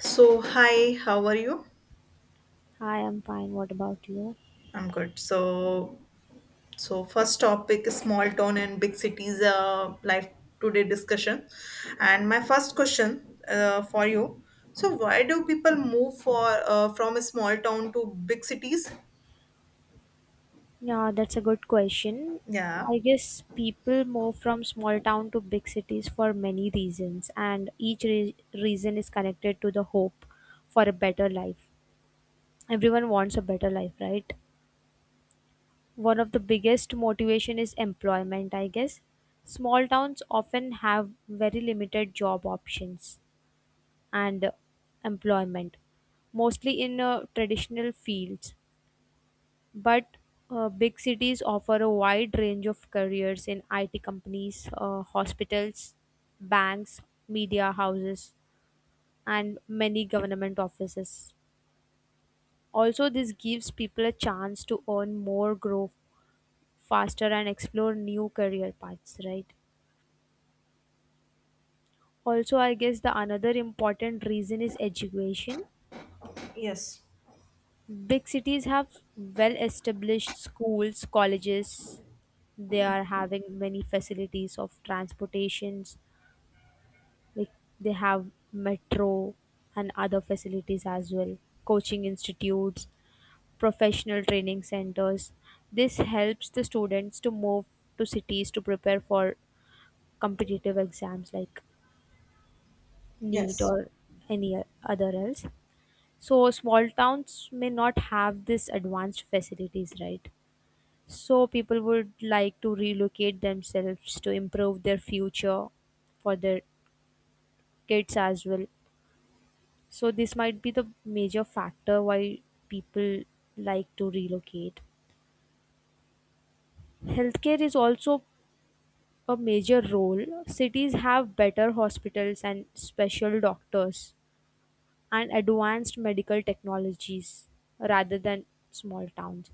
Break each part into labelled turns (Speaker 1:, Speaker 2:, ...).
Speaker 1: So, hi, how are you?
Speaker 2: Hi, I'm fine. What about you?
Speaker 1: I'm good. So, first topic is small town and big cities life today discussion. And my first question for you. So, why do people move for from a small town to big cities?
Speaker 2: Yeah, that's a good question.
Speaker 1: Yeah.
Speaker 2: I guess people move from small town to big cities for many reasons, and each reason is connected to the hope for a better life. Everyone wants a better life, right? One of the biggest motivation is employment, I guess. Small towns often have very limited job options and employment, mostly in traditional fields. But big cities offer a wide range of careers in IT companies, hospitals, banks, media houses, and many government offices. Also, this gives people a chance to earn more, grow faster, and explore new career paths, right? Also, I guess the another important reason is education.
Speaker 1: Yes.
Speaker 2: Big cities have well established schools, colleges, they are having many facilities of transportations like they have metro and other facilities as well, coaching institutes, professional training centers. This helps the students to move to cities to prepare for competitive exams like NEET
Speaker 1: Yes.
Speaker 2: or any other else. So small towns may not have this advanced facilities, right? So people would like to relocate themselves to improve their future for their kids as well. So this might be the major factor why people like to relocate. Healthcare is also a major role. Cities have better hospitals and special doctors and advanced medical technologies rather than small towns.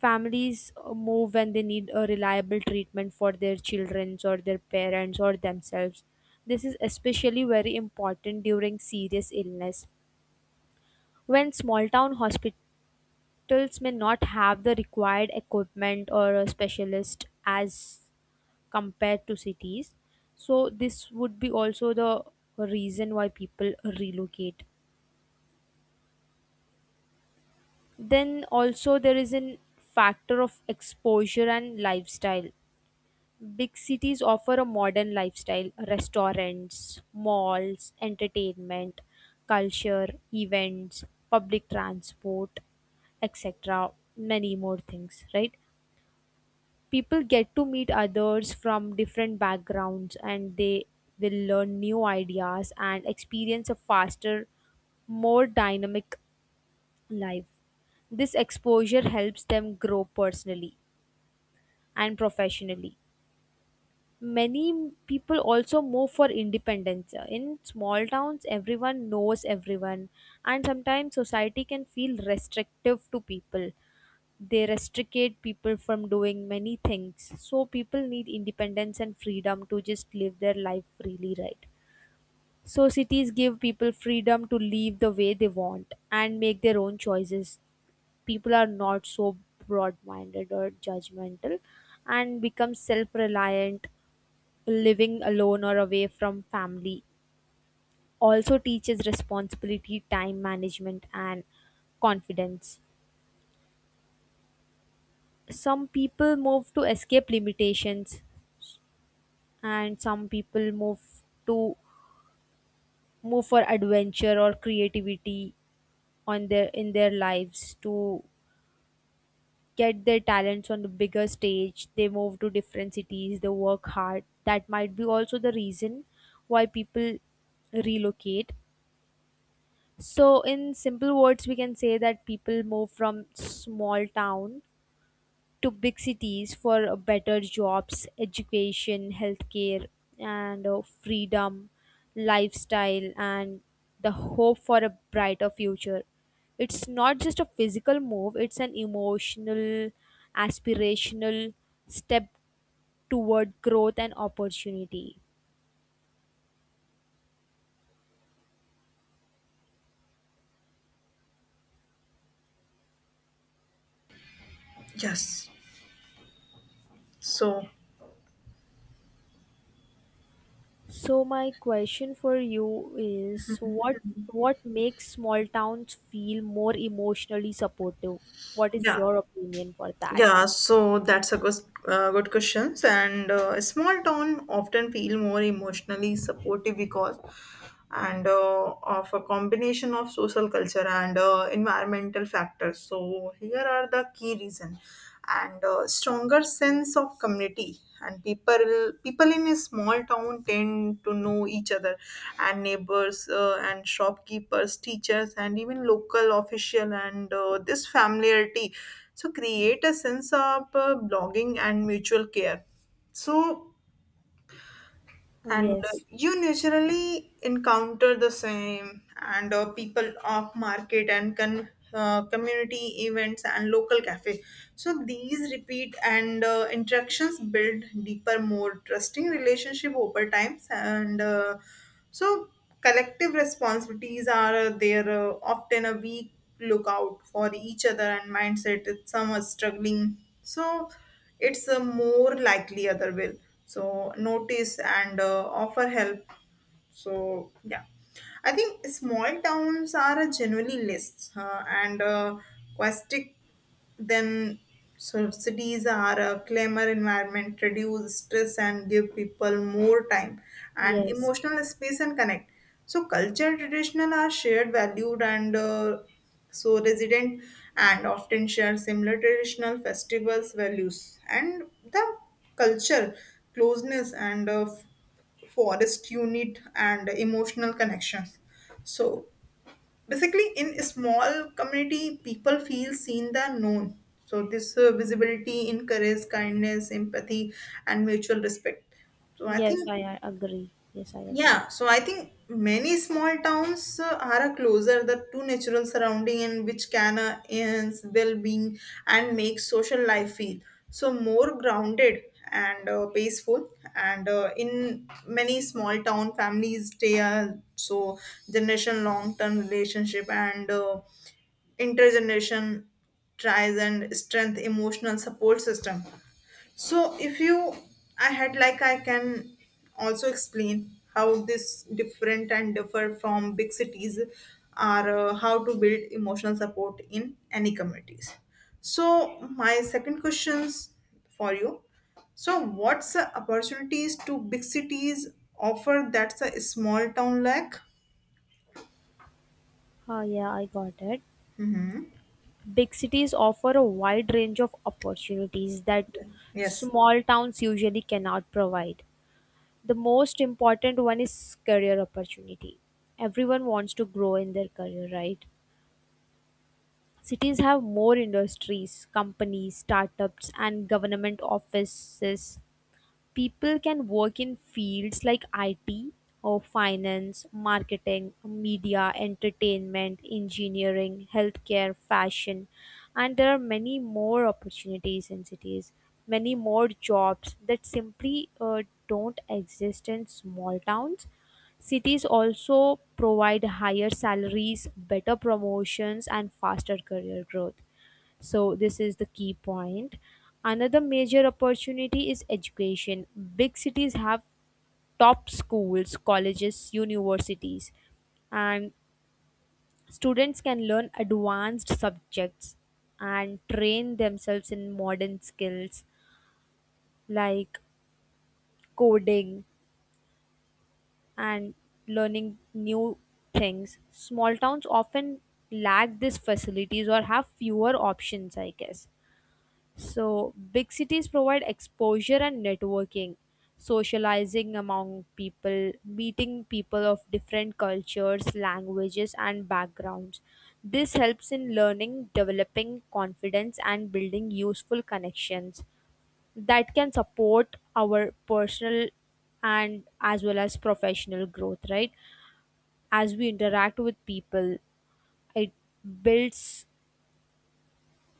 Speaker 2: Families move when they need a reliable treatment for their children or their parents or themselves. This is especially very important during serious illness. When small town hospitals may not have the required equipment or a specialist as compared to cities, so this would be also the reason why people relocate. Then also there is an factor of exposure and lifestyle. Big cities offer a modern lifestyle, restaurants, malls, entertainment, culture, events, public transport, etc, many more things, right? People get to meet others from different backgrounds and they will learn new ideas and experience a faster, more dynamic life. This exposure helps them grow personally and professionally. Many people also move for independence. In small towns everyone knows everyone, and sometimes society can feel restrictive to people, they restrict people from doing many things. So people need independence and freedom to just live their life freely, right? So cities give people freedom to live the way they want and make their own choices. People are not so broad-minded or judgmental and become self-reliant. Living alone or away from family also teaches responsibility, time management, and confidence. Some people move to escape limitations, and some people to move for adventure or creativity on their in their lives to get their talents on the bigger stage. They move to different cities, they work hard, that might be also the reason why people relocate. So in simple words we can say that people move from small town to big cities for better jobs, education, healthcare, and freedom, lifestyle, and the hope for a brighter future. It's not just a physical move, it's an emotional, aspirational step toward growth and opportunity.
Speaker 1: Yes. So,
Speaker 2: So my question for you is what makes small towns feel more emotionally supportive? What is
Speaker 1: yeah.
Speaker 2: your opinion for that?
Speaker 1: Yeah, so that's a good questions. And a small town often feel more emotionally supportive because and of a combination of social culture and environmental factors, so here are the key reason. And Stronger sense of community, and people in a small town tend to know each other and neighbors, and shopkeepers, teachers, and even local official, and this familiarity so create a sense of belonging and mutual care. So and
Speaker 2: Yes.
Speaker 1: you naturally encounter the same, and people off market, and community events and local cafe. So these repeat and interactions build deeper, more trusting relationship over time, so, collective responsibilities are there, often a weak lookout for each other and mindset. If some are struggling, so it's a more likely other will. So, notice and offer help. So yeah, I think small towns are a generally less and aquatic then, so cities are a clamor environment, reduce stress and give people more time and
Speaker 2: Yes,
Speaker 1: emotional space and connect. So culture traditional are shared valued, and so resident and often share similar traditional festivals, values, and the culture closeness, and forest unit and emotional connections. So basically in a small community people feel seen than known. So this visibility encourages kindness, empathy, and mutual respect. So I
Speaker 2: yes,
Speaker 1: think,
Speaker 2: I agree. Yes, I agree.
Speaker 1: yeah, so I think many small towns are a closer the to natural surrounding, and which can enhance well-being and make social life feel so more grounded and peaceful. And In many small town families stay so generation long-term relationship, and intergeneration tries and strength emotional support system. So if you, I had like I can also explain how this different and differ from big cities are, how to build emotional support in any communities. So my second questions for you. So what's the opportunities to big cities offer that's a small town lack?
Speaker 2: Oh, yeah, I got it. Big cities offer a wide range of opportunities that
Speaker 1: Yes.
Speaker 2: small towns usually cannot provide. The most important one is career opportunity. Everyone wants to grow in their career, right? Cities have more industries, companies, startups, and government offices. People can work in fields like IT or finance, marketing, media, entertainment, engineering, healthcare, fashion, and there are many more opportunities in cities, many more jobs that simply don't exist in small towns. Cities also provide higher salaries, better promotions, and faster career growth. So, this is the key point. Another major opportunity is education. Big cities have top schools, colleges, universities, and students can learn advanced subjects and train themselves in modern skills like coding and learning new things. Small towns often lack these facilities or have fewer options, I guess. So, big cities provide exposure and networking, socializing among people, meeting people of different cultures, languages, and backgrounds. This helps in learning, developing confidence, and building useful connections that can support our personal and as well as professional growth, right? As we interact with people, it builds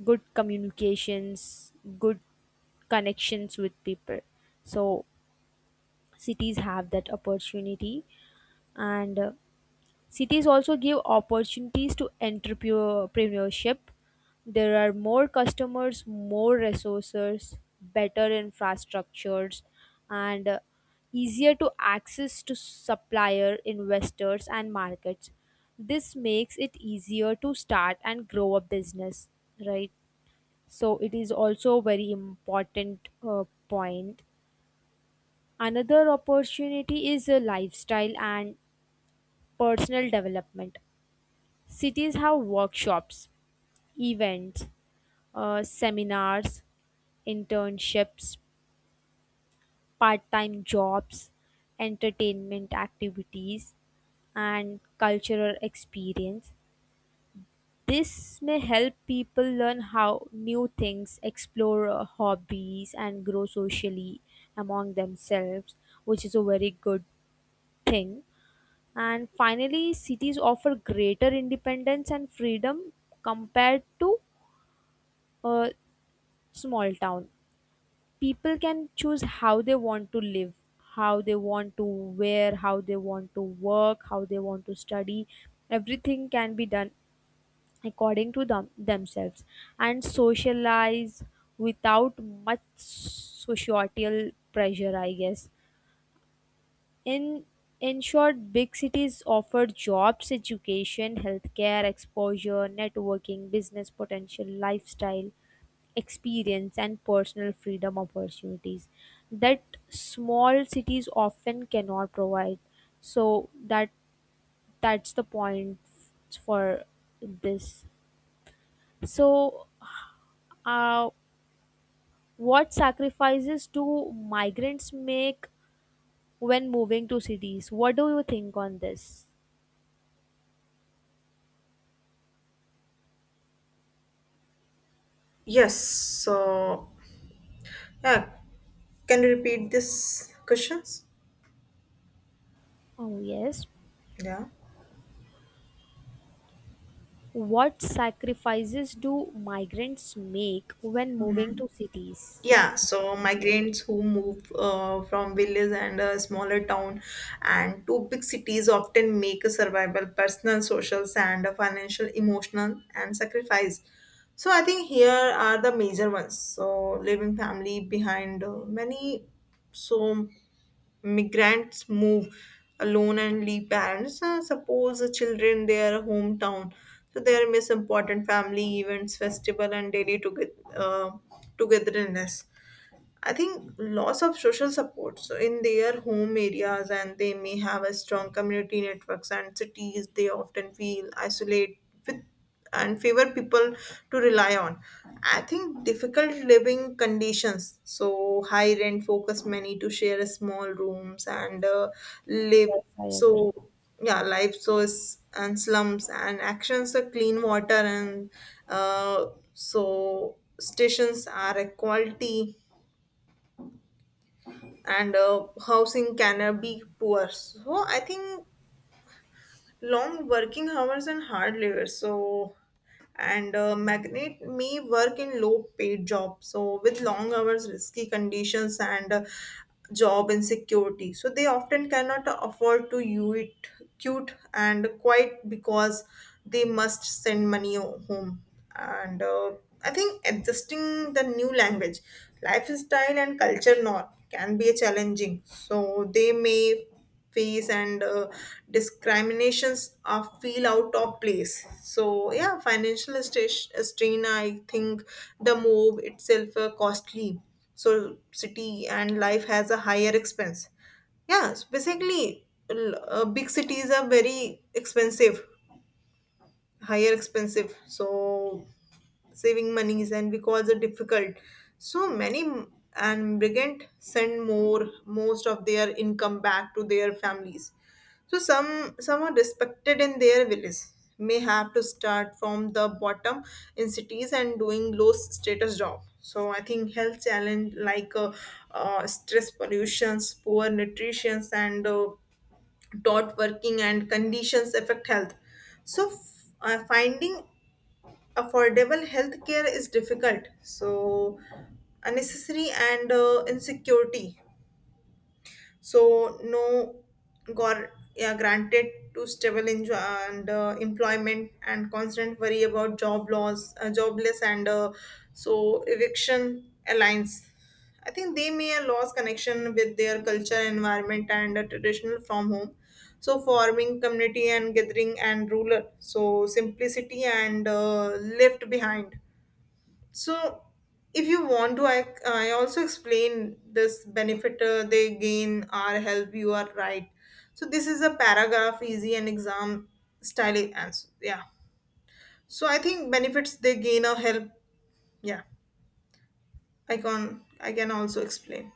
Speaker 2: good communications, good connections with people, so cities have that opportunity. And cities also give opportunities to entrepreneurship. There are more customers, more resources, better infrastructures, and easier to access to supplier investors and markets. This makes it easier to start and grow a business, right? So it is also a very important point. Another opportunity is a lifestyle and personal development. Cities have workshops, events, seminars, internships, part time jobs, entertainment activities, and cultural experience. This may help people learn how new things, explore hobbies, and grow socially among themselves, which is a very good thing. And finally, cities offer greater independence and freedom compared to a small town. People can choose how they want to live, how they want to wear, how they want to work, how they want to study. Everything can be done according to them themselves and socialize without much societal pressure, I guess. In in short, big cities offer jobs, education, healthcare, exposure, networking, business potential, lifestyle, experience, and personal freedom opportunities that small cities often cannot provide. So that's the point for this. So, uh, what sacrifices do migrants make when moving to cities? What do you think on this?
Speaker 1: Yes. So yeah, can you repeat this questions?
Speaker 2: Oh yes.
Speaker 1: Yeah.
Speaker 2: What sacrifices do migrants make when moving to cities?
Speaker 1: Yeah, so migrants who move from villages and a smaller town and to big cities often make a survival, personal, social, and a financial, emotional, and sacrifice. So I think here are the major ones. So leaving family behind, many so migrants move alone and leave parents. Suppose the children their hometown, so they miss important family events, festival, and daily together, uh, togetherness. I think loss of social support. So in their home areas and they may have a strong community networks, and cities they often feel isolate with and favor people to rely on. I think difficult living conditions. So high rent focus many to share small rooms and live,
Speaker 2: Yes, I agree.
Speaker 1: so yeah life source and slums and actions are clean water and uh, so stations are equality and housing can be poor. So I think long working hours and hard labor. So and magnate may work in low paid jobs, so with long hours, risky conditions, and job insecurity, so they often cannot afford to you it cute and quite because they must send money home, and I think adjusting the new language, lifestyle, and culture norm can be challenging, so they may face and discriminations are feel out of place. So yeah, financial strain. I think the move itself costly, so city and life has a higher expense. Yeah, basically, big cities are very expensive, higher expensive, so saving monies and because it's difficult. So and brigand send more most of their income back to their families. So some are respected in their village, may have to start from the bottom in cities and doing low status job. So I think health challenge like stress, pollutions, poor nutrition, and dot working and conditions affect health. So finding affordable health care is difficult. So unnecessary and insecurity, so no yeah, granted to stable enjo- and employment and constant worry about job loss, jobless, and so eviction alliance. I think they may have lost connection with their culture, environment, and traditional from home. So forming community and gathering and ruler. So simplicity and left behind. So, if you want to, I also explain this benefit they gain or help, you are right. So, this is a paragraph, easy and exam style answer. Yeah. So, I think benefits they gain or help. Yeah. I can also explain.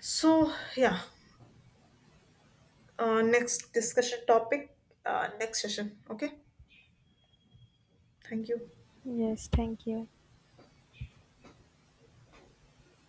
Speaker 1: So, yeah. Next discussion topic, next session. Okay. Thank you.
Speaker 2: Yes, thank you.